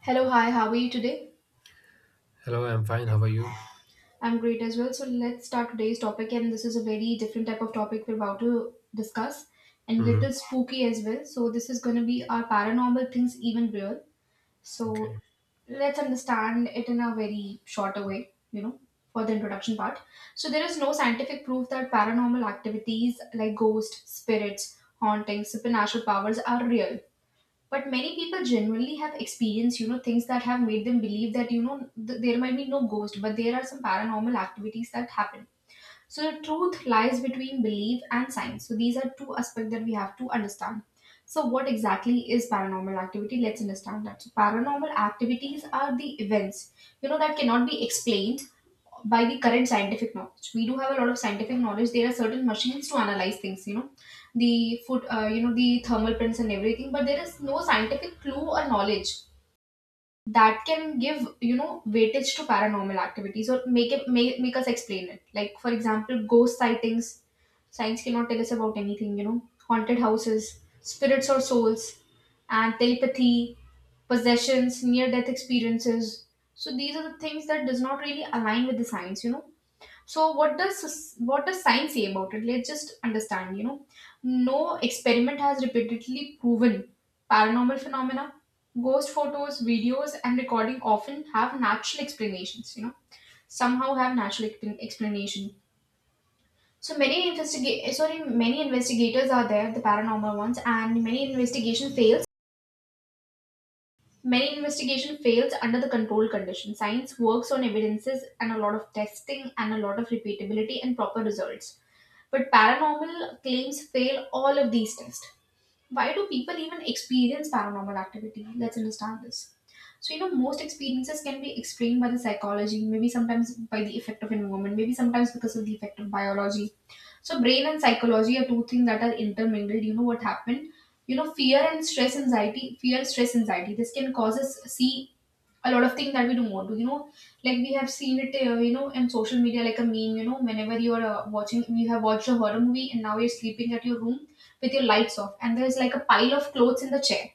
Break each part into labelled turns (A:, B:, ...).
A: Hello, hi, how are you today?
B: Hello, I'm fine. How are you?
A: I'm great as well. So let's start today's topic, and this is a very different type of topic we're about to discuss and
B: Hmm.
A: little spooky as well. So this is gonna be, are paranormal things even real?
B: Okay.
A: So let's understand it in a very shorter way, for the introduction part. So there is no scientific proof that paranormal activities like ghosts, spirits, hauntings, supernatural powers are real. But many people generally have experienced things that have made them believe that there might be no ghost, but there are some paranormal activities that happen. So the truth lies between belief and science. So these are two aspects that we have to understand. So what exactly is paranormal activity? Let's understand that. So paranormal activities are the events, that cannot be explained by the current scientific knowledge. We do have a lot of scientific knowledge. There are certain machines to analyze things, you know, the foot, you know, the thermal prints and everything. But there is no scientific clue or knowledge that can give, weightage to paranormal activities, or make it make us explain it. Like, for example, ghost sightings, science cannot tell us about anything, you know, haunted houses, spirits or souls, and telepathy, possessions, near death experiences. So these are the things that does not really align with the science, you know. So what does science say about it? Let's just understand. You know, no experiment has repeatedly proven paranormal phenomena. Ghost photos, videos, and recording often have natural explanations. You know, somehow have natural explanation. So many investigate sorry many investigators are there, the paranormal ones, and many investigation fails. Many investigation fails under the controlled condition. Science works on evidences and a lot of testing and a lot of repeatability and proper results. But paranormal claims fail all of these tests. Why do people even experience paranormal activity? Let's understand this. So, you know, most experiences can be explained by the psychology, maybe sometimes by the effect of environment, maybe sometimes because of the effect of biology. So, brain and psychology are two things that are intermingled. You know what happened? You know, fear, stress, anxiety. This can cause us see a lot of things that we don't want to, you know. Like we have seen it, you know, in social media, like a meme. You know, whenever you're watching, you have watched a horror movie and now you're sleeping at your room with your lights off and there's like a pile of clothes in the chair.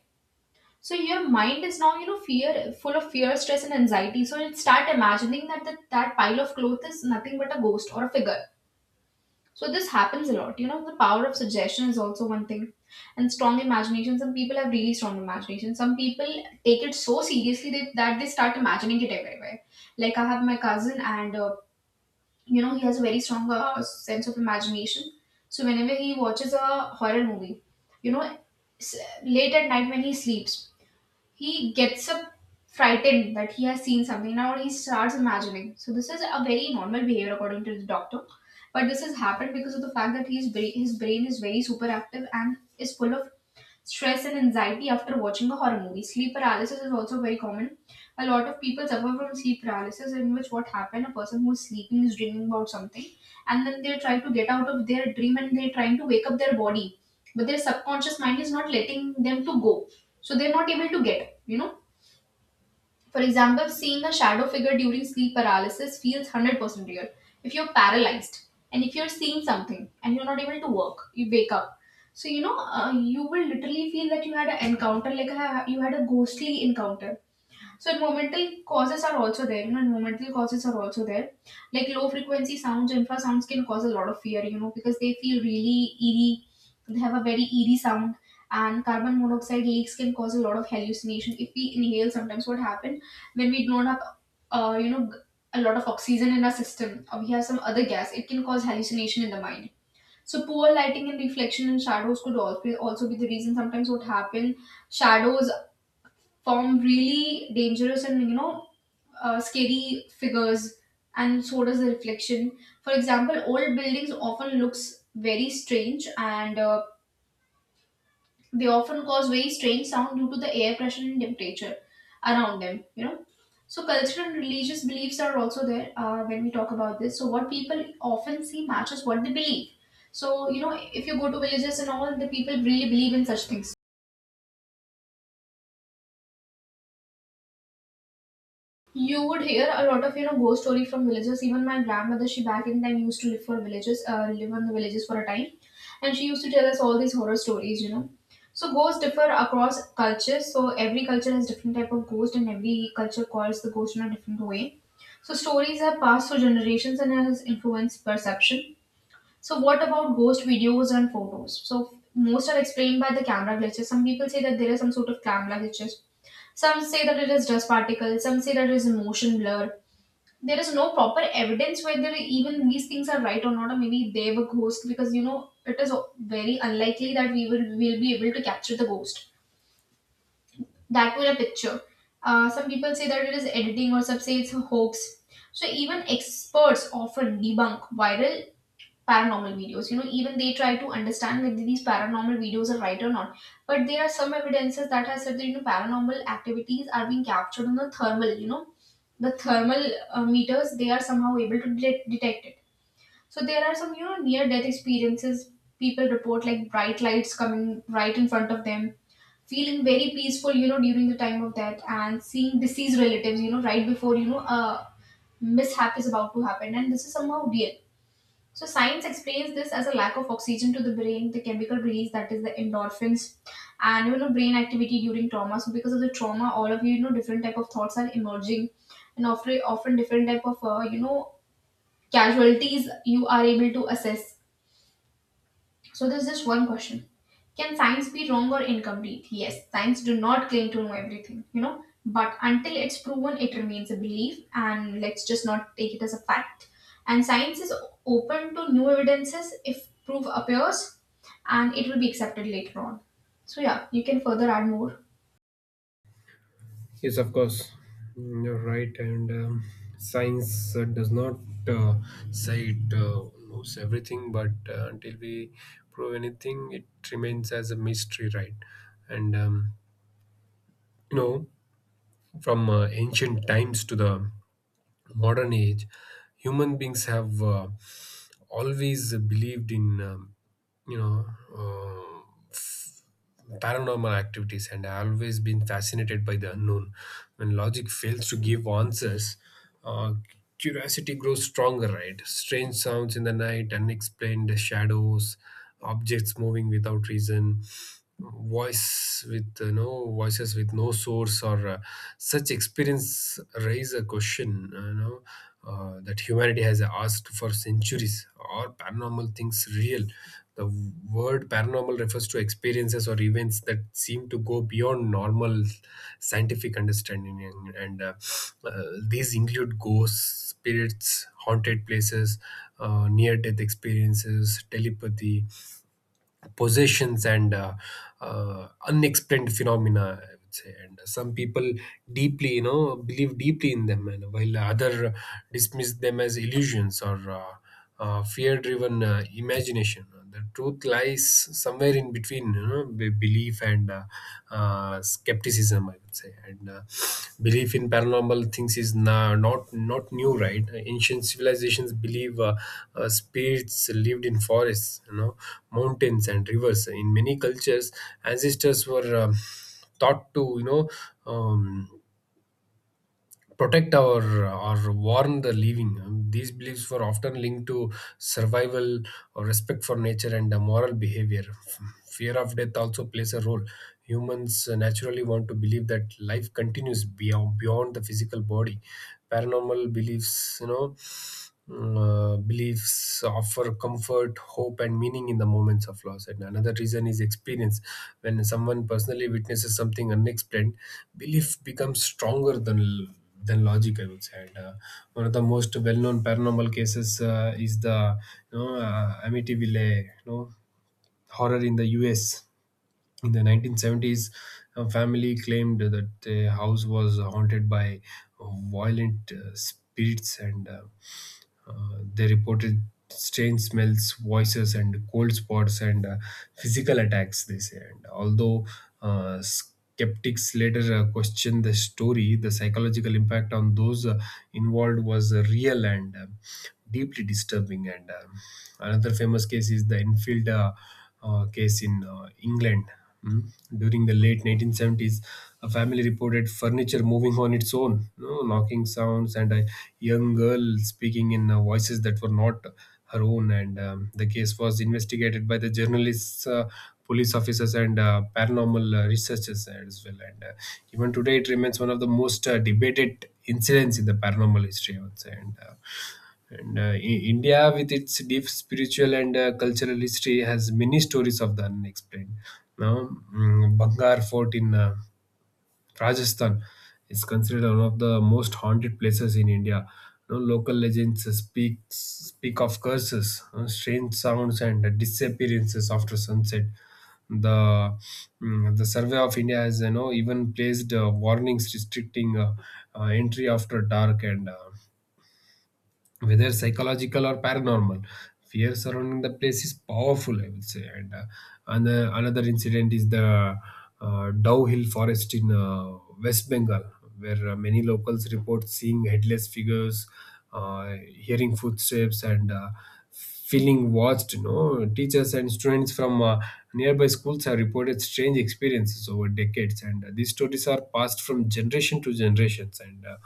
A: So your mind is now, you know, fear full of fear, stress and anxiety, so it start imagining that that pile of clothes is nothing but a ghost or a figure. So this happens a lot. You know, the power of suggestion is also one thing. And strong imagination, some people have really strong imagination. Some people take it so seriously that they start imagining it everywhere. Like, I have my cousin and, you know, he has a very strong sense of imagination. So whenever he watches a horror movie, you know, s- late at night when he sleeps, he gets up frightened that he has seen something. Now he starts imagining. So this is a very normal behavior according to the doctor. But this has happened because of the fact that his brain is very super active and is full of stress and anxiety after watching a horror movie. Sleep paralysis is also very common. A lot of people suffer from sleep paralysis, in which what happened, a person who's sleeping is dreaming about something, and then they try to get out of their dream and they're trying to wake up their body, but their subconscious mind is not letting them to go, so they're not able to get, you know. For example, seeing a shadow figure during sleep paralysis feels 100% real if you're paralyzed, and if you're seeing something and you're not able to work you wake up. So, you know, you will literally feel that you had an encounter, you had a ghostly encounter. So environmental causes are also there, you know, environmental causes are also there. Like low frequency sounds, infrasounds can cause a lot of fear, you know, because they feel really eerie, they have a very eerie sound. And carbon monoxide leaks can cause a lot of hallucination. If we inhale, sometimes what happen, when we don't have, you know, a lot of oxygen in our system, or we have some other gas, it can cause hallucination in the mind. So poor lighting and reflection and shadows could also be the reason. Sometimes what happen, shadows form really dangerous and, you know, scary figures, and so does the reflection. For example, old buildings often looks very strange, and they often cause very strange sound due to the air pressure and temperature around them, you know. So cultural and religious beliefs are also there, when we talk about this. So what people often see matches what they believe. So, you know, if you go to villages and all, the people really believe in such things. You would hear a lot of, you know, ghost story from villagers. Even my grandmother, she back in time used to live for villages, live on the villages for a time, and she used to tell us all these horror stories. You know, so ghosts differ across cultures. So every culture has different type of ghost, and every culture calls the ghost in a different way. So stories are passed through generations and has influenced perception. So what about ghost videos and photos? So most are explained by the camera glitches. Some people say that there is some sort of camera glitches. Some say that it is dust particles. Some say that it is motion blur. There is no proper evidence whether even these things are right or not, or maybe they were ghosts, because, you know, it is very unlikely that we will be able to capture the ghost that with a picture. Some people say that it is editing, or some say it's a hoax. So even experts often debunk viral paranormal videos. You know, even they try to understand whether these paranormal videos are right or not. But there are some evidences that has said that, you know, paranormal activities are being captured on the thermal. You know, the thermal meters, they are somehow able to detect it. So there are some, you know, near death experiences. People report like bright lights coming right in front of them, feeling very peaceful, you know, during the time of death, and seeing deceased relatives, you know, right before, you know, a mishap is about to happen, and this is somehow real. So science explains this as a lack of oxygen to the brain, the chemical release, that is the endorphins, and, you know, brain activity during trauma. So because of the trauma, all of you, you know, different type of thoughts are emerging, and often different type of, you know, casualties you are able to assess. So there's just one question. Can science be wrong or incomplete? Yes, science do not claim to know everything, you know, but until it's proven, it remains a belief, and let's just not take it as a fact. And science is open to new evidences if proof appears, and it will be accepted later on. So yeah, you can further add more.
B: Yes, of course. You're right, and science does not uh, say it knows everything, but until we prove anything, it remains as a mystery, right? And you know, from ancient times to the modern age, human beings have always believed in you know uh, paranormal activities, and I always been fascinated by the unknown. When logic fails to give answers, uh, curiosity grows stronger, right? Strange sounds in the night, unexplained shadows, objects moving without reason, voice with no voices with no source, or such experience raise a question that humanity has asked for centuries. Are paranormal things real? The word paranormal refers to experiences or events that seem to go beyond normal scientific understanding, and, uh, these include ghosts, spirits, haunted places, near-death experiences, telepathy, possessions, and unexplained phenomena, I would say. And some people deeply you know believe deeply in them, and while other dismiss them as illusions or fear driven imagination. The truth lies somewhere in between, belief and skepticism, I would say. And belief in paranormal things is not new, right? Ancient civilizations believe spirits lived in forests, you know, mountains and rivers. In many cultures, ancestors were thought to, Um, protect our or warn the living. These beliefs were often linked to survival or respect for nature and moral behavior. Fear of death also plays a role. Humans naturally want to believe that life continues beyond the physical body. Paranormal beliefs, you know, Mm, beliefs offer comfort, hope, and meaning in the moments of loss. And another reason is experience. When someone personally witnesses something unexplained, belief becomes stronger than logic, I would say. And one of the most well-known paranormal cases is the Amityville horror in the US. In the 1970s, a family claimed that their house was haunted by violent spirits, and they reported strange smells, voices, and cold spots, and physical attacks, they say. And although uh, skeptics later questioned the story, the psychological impact on those involved was real and deeply disturbing. And another famous case is the Enfield case in England. Mm. During the late 1970s, a family reported furniture moving on its own, you know, knocking sounds, and a young girl speaking in voices that were not her own. And the case was investigated by the journalists. Police officers and paranormal researchers as well. And even today, it remains one of the most debated incidents in the paranormal history, I would say. And uh, I- India, with its deep spiritual and cultural history, has many stories of the unexplained. Now, Bangar Fort in Rajasthan is considered one of the most haunted places in India. You know, local legends speak of curses, you know, strange sounds, and disappearances after sunset. The the Survey of India has even placed warnings restricting entry after dark. And whether psychological or paranormal, fear surrounding the place is powerful, I would say. And and, another incident is the Dow Hill forest in West Bengal, where many locals report seeing headless figures, uh, hearing footsteps, and feeling watched. You know, teachers and students from nearby schools have reported strange experiences over decades, and these stories are passed from generation to generations, and uh,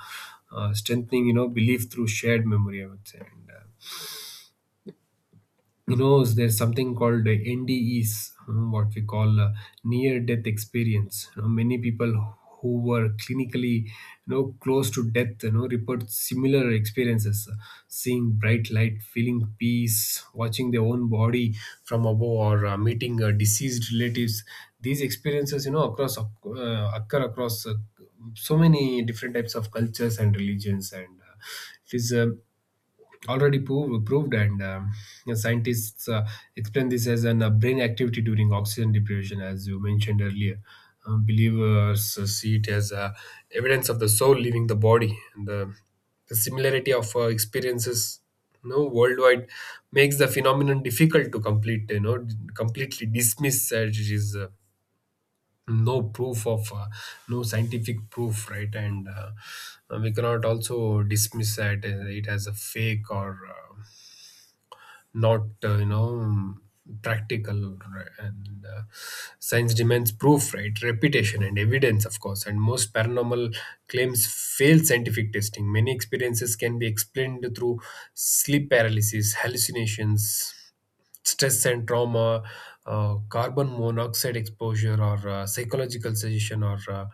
B: uh, strengthening, belief through shared memory, I would say. And there's something called NDEs, what we call near death experience. You know, many people who were clinically, close to death, report similar experiences, seeing bright light, feeling peace, watching their own body from above, or meeting deceased relatives. These experiences, you know across occur across so many different types of cultures and religions. And it is already proved. And you know, scientists explain this as an brain activity during oxygen deprivation, as you mentioned earlier. Believers see it as evidence of the soul leaving the body. And the similarity of experiences, you know, worldwide makes the phenomenon difficult to completely dismiss, as it is no proof of, no scientific proof, right? And we cannot also dismiss that it as a fake or not, practical, right? And science demands proof, right? Reputation and evidence, of course. And most paranormal claims fail scientific testing. Many experiences can be explained through sleep paralysis, hallucinations, stress and trauma, carbon monoxide exposure, or psychological suggestion, or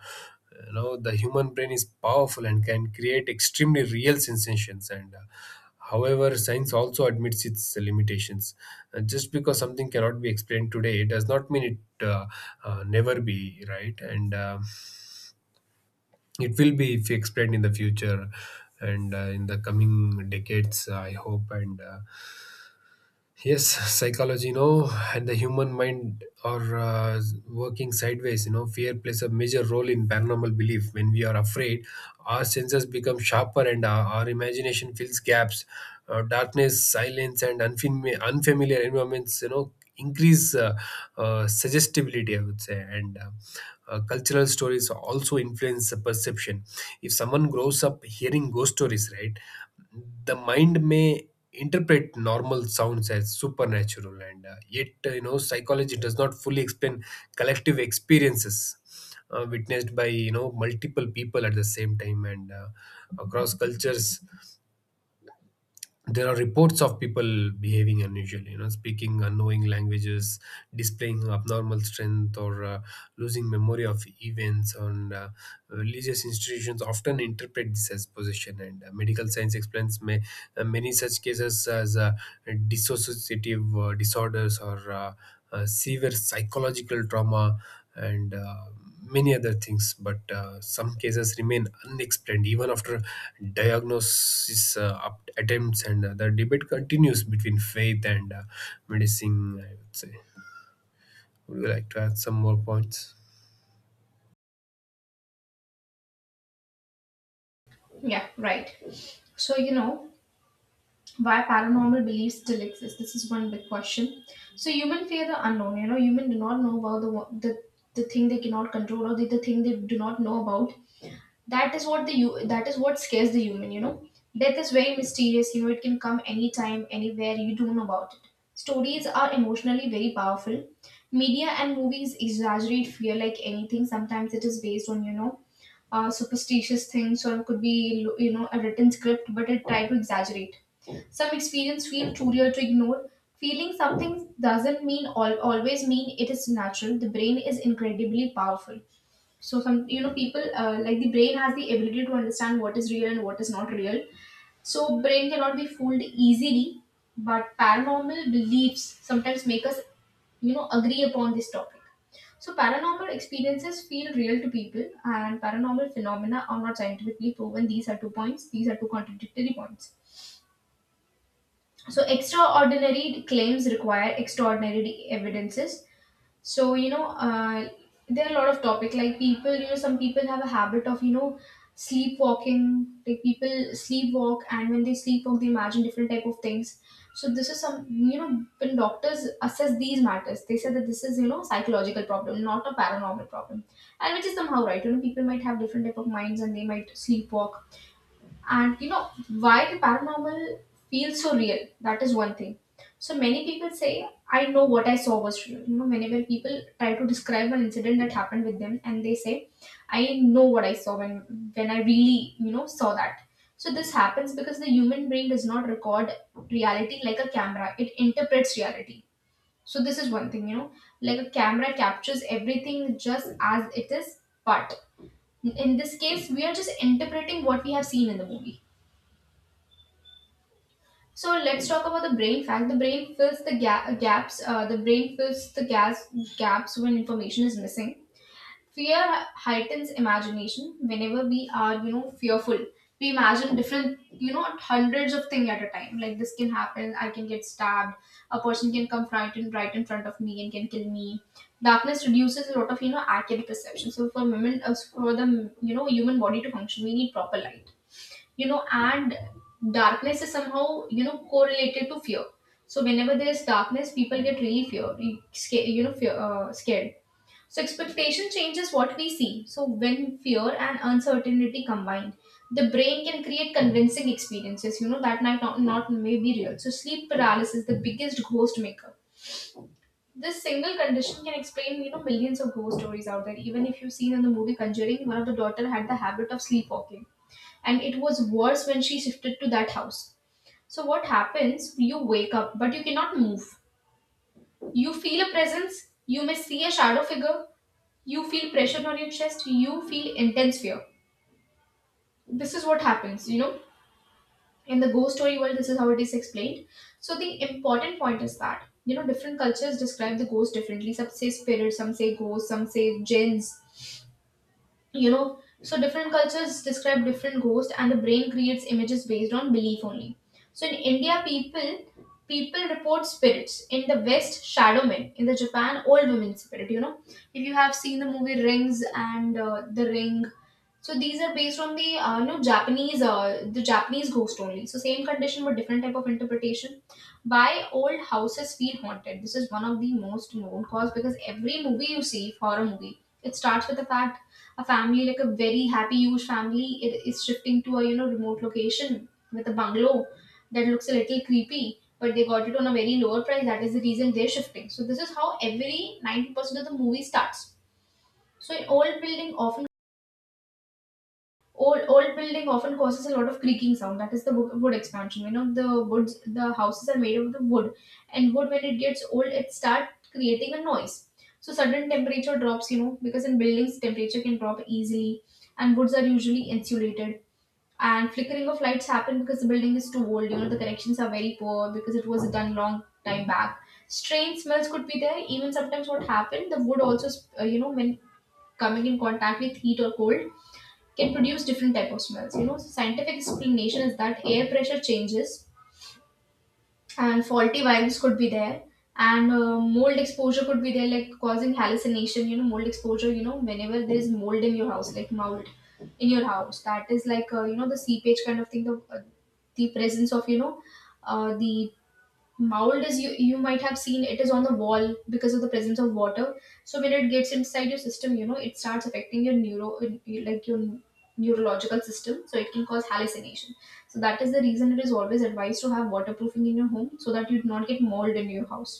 B: the human brain is powerful and can create extremely real sensations. And however, science also admits its limitations. Just because something cannot be explained today, it does not mean it never be right, and it will be if explained in the future, and in the coming decades, I hope. And yes, psychology, and the human mind are working sideways. You know, fear plays a major role in paranormal belief. When we are afraid, our senses become sharper, and our imagination fills gaps. Darkness, silence, and unfamiliar environments, you know, increase suggestibility, I would say. And cultural stories also influence the perception. If someone grows up hearing ghost stories, right, the mind may interpret normal sounds as supernatural. And yet, psychology does not fully explain collective experiences witnessed by, you know, multiple people at the same time, and across cultures, there are reports of people behaving unusually, you know, speaking unknowing languages, displaying abnormal strength, or losing memory of events. And religious institutions often interpret this as possession, and medical science explains many such cases as dissociative disorders or severe psychological trauma and many other things. But some cases remain unexplained even after diagnosis attempts, and the debate continues between faith and medicine, I would say. Would you like to add some more points?
A: Yeah, right. So, you know, why paranormal beliefs still exist, this is one big question. So human fear the unknown, you know, human do not know about the thing they cannot control, or the thing they do not know about. That is what the you that is what scares the human, you know. Death is very mysterious, you know, it can come anytime, anywhere, you don't know about it. Stories are emotionally very powerful. Media and movies exaggerate fear like anything. Sometimes it is based on, you know, superstitious things, or it could be, you know, a written script, but it try to exaggerate. Some experience feel truer to ignore. Feeling something doesn't mean always mean it is natural. The brain is incredibly powerful. So some, you know, people, like the brain has the ability to understand what is real and what is not real. So brain cannot be fooled easily, but paranormal beliefs sometimes make us, you know, agree upon this topic. So paranormal experiences feel real to people, and paranormal phenomena are not scientifically proven. These are two points. These are two contradictory points. So extraordinary claims require extraordinary evidences. so you know uh, there are a lot of topic like people, some people have a habit of sleepwalking. Like people sleepwalk, and when they sleepwalk they imagine different type of things. So this is some, when doctors assess these matters, they say that this is, you know, psychological problem, not a paranormal problem. And which is somehow right. You know, people might have different type of minds, and they might sleepwalk. And you know, why the paranormal feels so real? That is one thing. So many people say, I know what I saw was real. You know, whenever people try to describe an incident that happened with them and they say, I know what I saw when I really, you know, saw that. So this happens because the human brain does not record reality like a camera. It interprets reality. So this is one thing, you know, like a camera captures everything just as it is, but in this case, we are just interpreting what we have seen in the movie. So let's talk about the brain fact. The brain fills the ga- gaps. The brain fills the gas gaps when information is missing. Fear heightens imagination. Whenever we are, you know, fearful, we imagine different, you know, hundreds of things at a time. Like this can happen. I can get stabbed. A person can come right in front of me and can kill me. Darkness reduces a lot of, you know, accurate perception. So for women, for the, you know, human body to function, we need proper light, you know. And darkness is somehow, you know, correlated to fear. So whenever there is darkness, people get really fear scared, you know, scared. So expectation changes what we see. So when fear and uncertainty combine, the brain can create convincing experiences, you know, that might not may be real. So sleep paralysis, the biggest ghost maker. This single condition can explain, you know, millions of ghost stories out there. Even if you've seen in the movie Conjuring, one of the daughter had the habit of sleepwalking, and it was worse when she shifted to that house. So, what happens? You wake up, but you cannot move. You feel a presence, you may see a shadow figure, you feel pressure on your chest, you feel intense fear. This is what happens, you know. In the ghost story world, this is how it is explained. So, the important point is that, you know, different cultures describe the ghost differently. Some say spirit, some say ghost, some say jinns. You know, so different cultures describe different ghosts, and the brain creates images based on belief only. So in India, people report spirits. In the West, shadow men. In the Japan, old women spirit, you know. If you have seen the movie Rings and The Ring, so these are based on the, you know, Japanese the Japanese ghost only. So same condition but different type of interpretation. Why old houses feel haunted? This is one of the most known cause, because every movie you see, horror movie, it starts with the fact a family, like a very happy huge family, it is shifting to a, you know, remote location with a bungalow that looks a little creepy, but they got it on a very lower price. That is the reason they're shifting. So this is how every 90% of the movie starts. So an old building often Old building often causes a lot of creaking sound. That is the wood expansion. You know the woods, the houses are made of the wood, and wood when it gets old, it start creating a noise. So sudden temperature drops. You know because in buildings temperature can drop easily, and woods are usually insulated. And flickering of lights happen because the building is too old. You know the connections are very poor because it was done long time back. Strange smells could be there. Even sometimes what happened, the wood also you know, when coming in contact with heat or cold, can produce different type of smells. You know, so scientific explanation is that air pressure changes, and faulty valves could be there, and mold exposure could be there, like causing hallucination. You know, mold exposure, you know, whenever there is mold in your house, like mold in your house, that is like, you know, the seepage kind of thing, the presence of, the mold is, you might have seen, it is on the wall because of the presence of water. So when it gets inside your system, you know, it starts affecting your neuro, like your neurological system, so it can cause hallucination. So that is the reason it is always advised to have waterproofing in your home, so that you do not get mold in your house.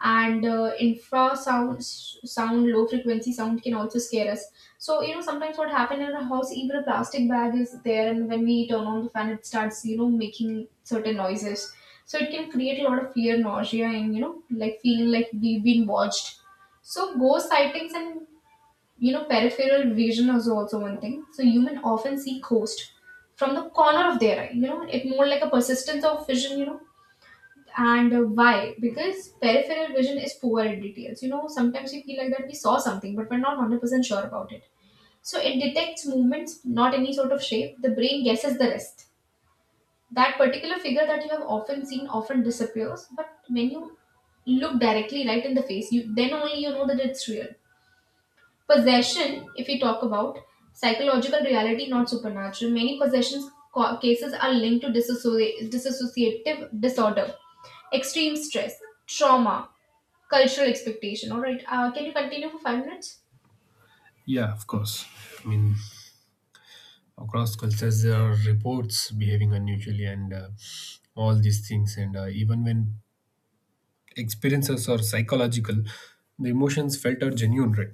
A: And infrasound, sound, low frequency sound can also scare us. So you know, sometimes what happen in a house, even a plastic bag is there, and when we turn on the fan, it starts, you know, making certain noises. So it can create a lot of fear, nausea, and, you know, like feeling like we've been watched. So ghost sightings and, you know, peripheral vision is also one thing. So human often see ghost from the corner of their eye, you know. It more like a persistence of vision, you know. And why? Because peripheral vision is poor in details. You know, sometimes we feel like that we saw something, but we're not 100% sure about it. So it detects movements, not any sort of shape. The brain guesses the rest. That particular figure that you have often seen often disappears, but when you look directly right in the face, you then only you know that it's real. Possession, if we talk about psychological reality, not supernatural, many possessions cases are linked to dissociative disorder, extreme stress, trauma, cultural expectation. All right, can you continue for 5 minutes?
B: Yeah, of course. I mean, across cultures, there are reports behaving unusually and all these things. And even when experiences are psychological, the emotions felt are genuine, right?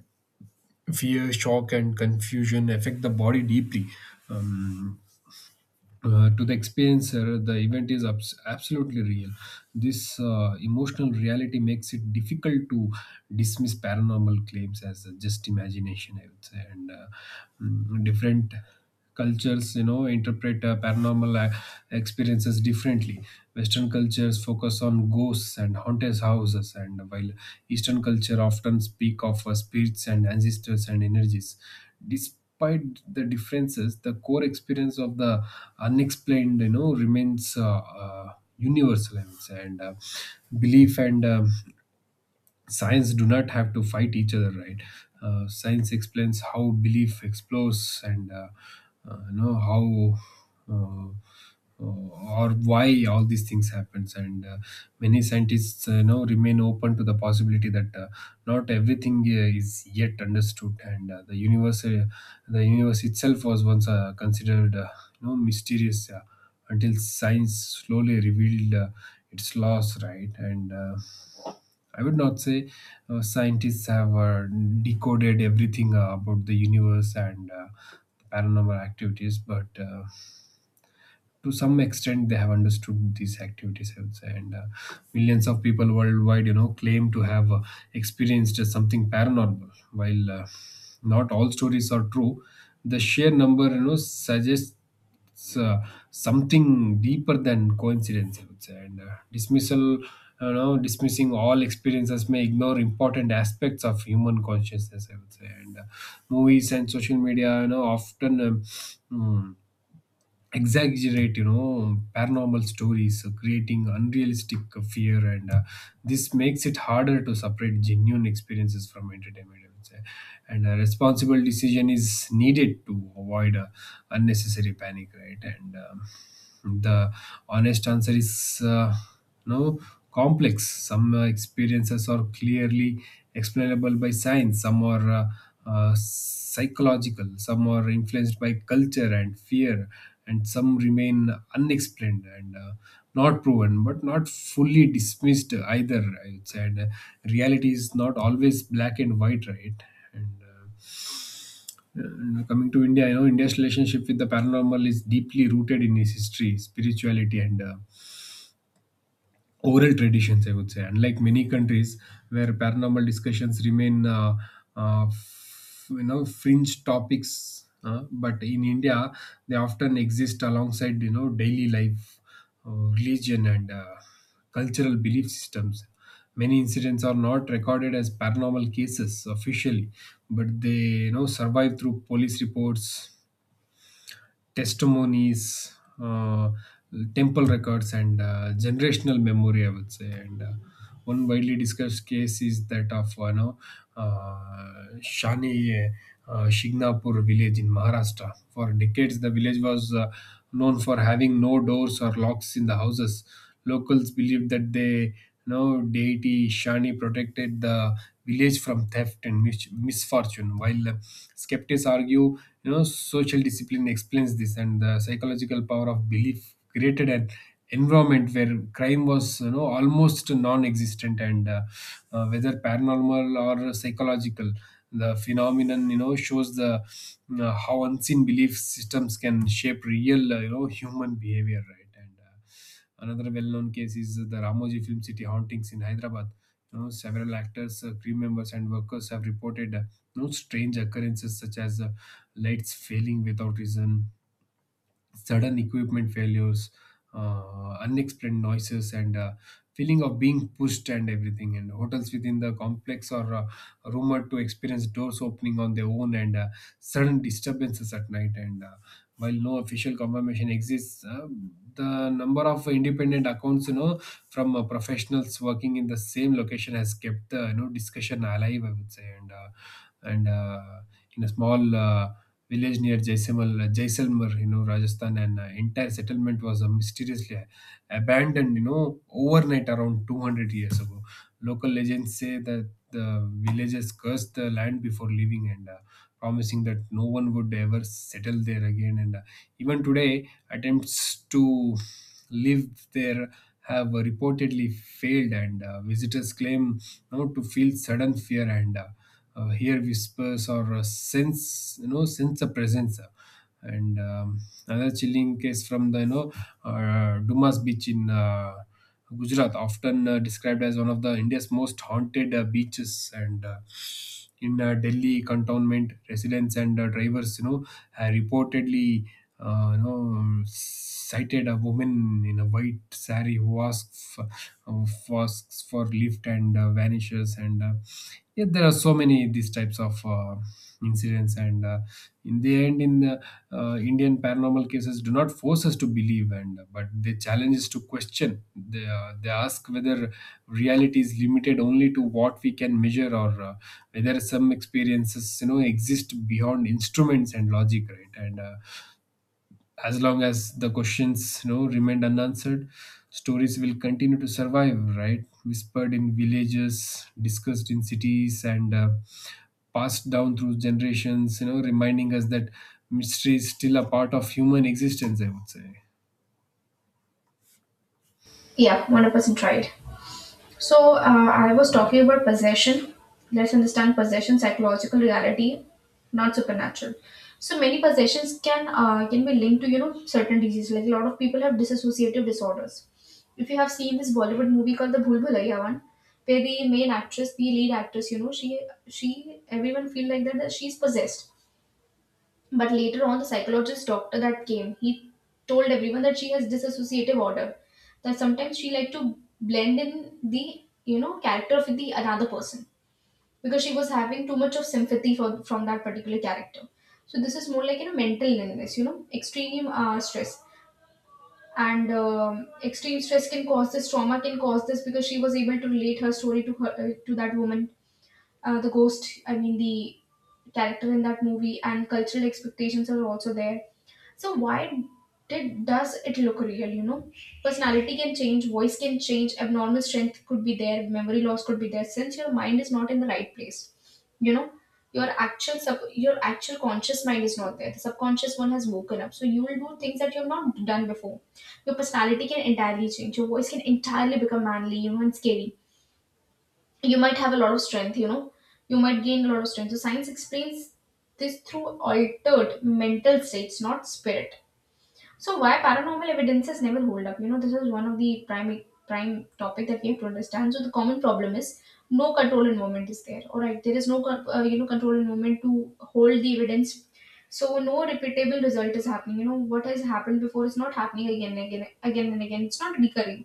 B: Fear, shock, and confusion affect the body deeply. Um, to the experiencer, the event is absolutely real. This emotional reality makes it difficult to dismiss paranormal claims as just imagination, I would say. And different cultures, you know, interpret paranormal experiences differently. Western cultures focus on ghosts and haunted houses, and while Eastern culture often speak of spirits and ancestors and energies. Despite the differences, the core experience of the unexplained, you know, remains universal, I would say. And belief and science do not have to fight each other, right? Science explains how, belief explores, and how, uh, or why all these things happens. And many scientists, you know, remain open to the possibility that not everything is yet understood. And the universe itself was once considered, mysterious, until science slowly revealed its laws, right. And I would not say scientists have decoded everything about the universe and paranormal activities, but to some extent they have understood these activities, I would say. And millions of people worldwide, you know, claim to have experienced something paranormal, while not all stories are true. The sheer number, you know, suggests uh, something deeper than coincidence, I would say. And dismissal, you know, dismissing all experiences may ignore important aspects of human consciousness, I would say. And movies and social media, you know, often mm, exaggerate, you know, paranormal stories, creating unrealistic fear, and this makes it harder to separate genuine experiences from entertainment, I would say. And a responsible decision is needed to avoid unnecessary panic, right. And the honest answer is no. Complex. Some experiences are clearly explainable by science, some are psychological, some are influenced by culture and fear, and some remain unexplained and not proven but not fully dismissed either, I would say. And reality is not always black and white, right. And and coming to India, you know, India's relationship with the paranormal is deeply rooted in its history, spirituality, and oral traditions, I would say. Unlike many countries where paranormal discussions remain fringe topics, but in India they often exist alongside, you know, daily life, religion, and cultural belief systems. Many incidents are not recorded as paranormal cases officially, but they survive through police reports, testimonies, uh, temple records, and generational memory, I would say. And one widely discussed case is that of Shani Shignapur village in Maharashtra. For decades, the village was known for having no doors or locks in the houses. Locals believed that they, deity Shani protected the village from theft and misfortune, while skeptics argue social discipline explains this, and the psychological power of belief created an environment where crime was almost non-existent, and whether paranormal or psychological, the phenomenon shows the how unseen belief systems can shape real, human behavior, right. And another well-known case is the Ramoji Film City hauntings in Hyderabad. You know, several actors, crew members, and workers have reported strange occurrences such as lights failing without reason, sudden equipment failures, unexplained noises, and feeling of being pushed and everything. And hotels within the complex are rumored to experience doors opening on their own, and sudden disturbances at night. And while no official confirmation exists, the number of independent accounts, you know, from professionals working in the same location has kept the discussion alive, I would say. And in a small village near Jaisalmer, you know, Rajasthan, and entire settlement was mysteriously abandoned, you know, overnight around 200 years ago. Local legends say that the villagers cursed the land before leaving, and promising that no one would ever settle there again. And even today, attempts to live there have reportedly failed, and visitors claim, to feel sudden fear and hear whispers, or sense you know sense a presence. And another chilling case from the Dumas beach in Gujarat, often described as one of the India's most haunted beaches, and in Delhi Cantonment, residents and drivers reportedly sighted a woman in a white sari who who asks for lift and vanishes. And yeah, there are so many these types of incidents, and in the end, Indian paranormal cases do not force us to believe, and but they challenge us to question. They ask whether reality is limited only to what we can measure, or whether some experiences, exist beyond instruments and logic, right? And as long as the questions, remain unanswered, stories will continue to survive, right? Whispered in villages, discussed in cities, and passed down through generations, reminding us that mystery is still a part of human existence, I would say.
A: Yeah, 100% tried. So I was talking about possession. Let's understand possession, psychological reality, not supernatural. So many possessions can be linked to, you know, certain diseases. Like a lot of people have dissociative disorders. If you have seen this Bollywood movie called The Bhool Bhulaiya One, where the main actress, the lead actress, you know, she, everyone feel like that she's possessed, but later on, the psychologist doctor that came, he told everyone that she has dissociative order. That sometimes she like to blend in the, you know, character of the another person because she was having too much of sympathy for from that particular character. So this is more like, you know, mental illness, you know, extreme stress. And extreme stress can cause this, trauma can cause this, because she was able to relate her story to her, to that woman, the ghost. I mean the character in that movie. And cultural expectations are also there. So why did does it look real? You know, personality can change, voice can change, abnormal strength could be there, memory loss could be there. Since your mind is not in the right place, you know, your your actual conscious mind is not there. The subconscious one has woken up, so you will do things that you have not done before. Your personality can entirely change. Your voice can entirely become manly, you know, and scary. You might have a lot of strength, you know. You might gain a lot of strength. So science explains this through altered mental states, not spirit. So why paranormal evidences never hold up? You know, this is one of the prime topic that we have to understand. So the common problem is no control and movement is there. All right, there is no you know, control and movement to hold the evidence. So no repeatable result is happening. You know what has happened before is not happening again and again. It's not recurring.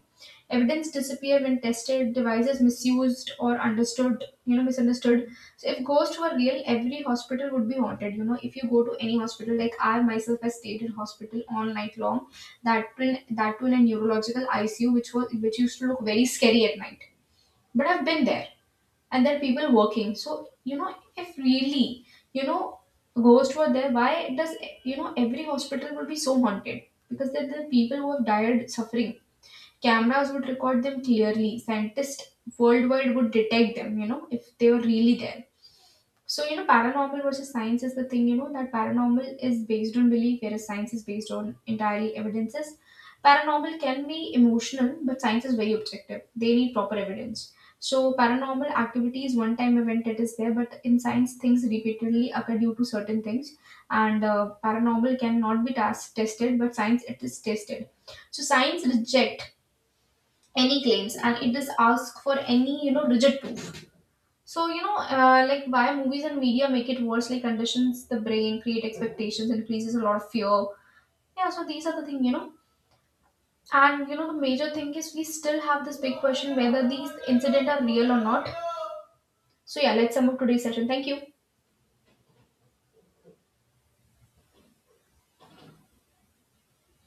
A: Evidence disappear when tested, devices misused or understood. You know, misunderstood. So if ghosts were real, every hospital would be haunted. You know, if you go to any hospital, like I myself, I stayed in hospital all night long. That too in a neurological ICU, which used to look very scary at night. But I've been there, and there are people working. So you know, if really, you know, ghosts were there, why does, you know, every hospital would be so haunted? Because they're the people who have died suffering. Cameras would record them clearly. Scientists worldwide would detect them. You know, if they were really there. So, you know, paranormal versus science is the thing, you know, that paranormal is based on belief, whereas science is based on entirely evidences. Paranormal can be emotional, but science is very objective. They need proper evidence. So, paranormal activity is one time event, it is there, but in science, things repeatedly occur due to certain things, and paranormal cannot be tested, but science it is tested. So, science reject any claims, and it does ask for any, you know, rigid proof. So, you know, like why movies and media make it worse, like conditions the brain, create expectations, increases a lot of fear. Yeah, so these are the thing, you know. And you know, the major thing is we still have this big question whether these incident are real or not. So yeah, let's sum up today's session. Thank you.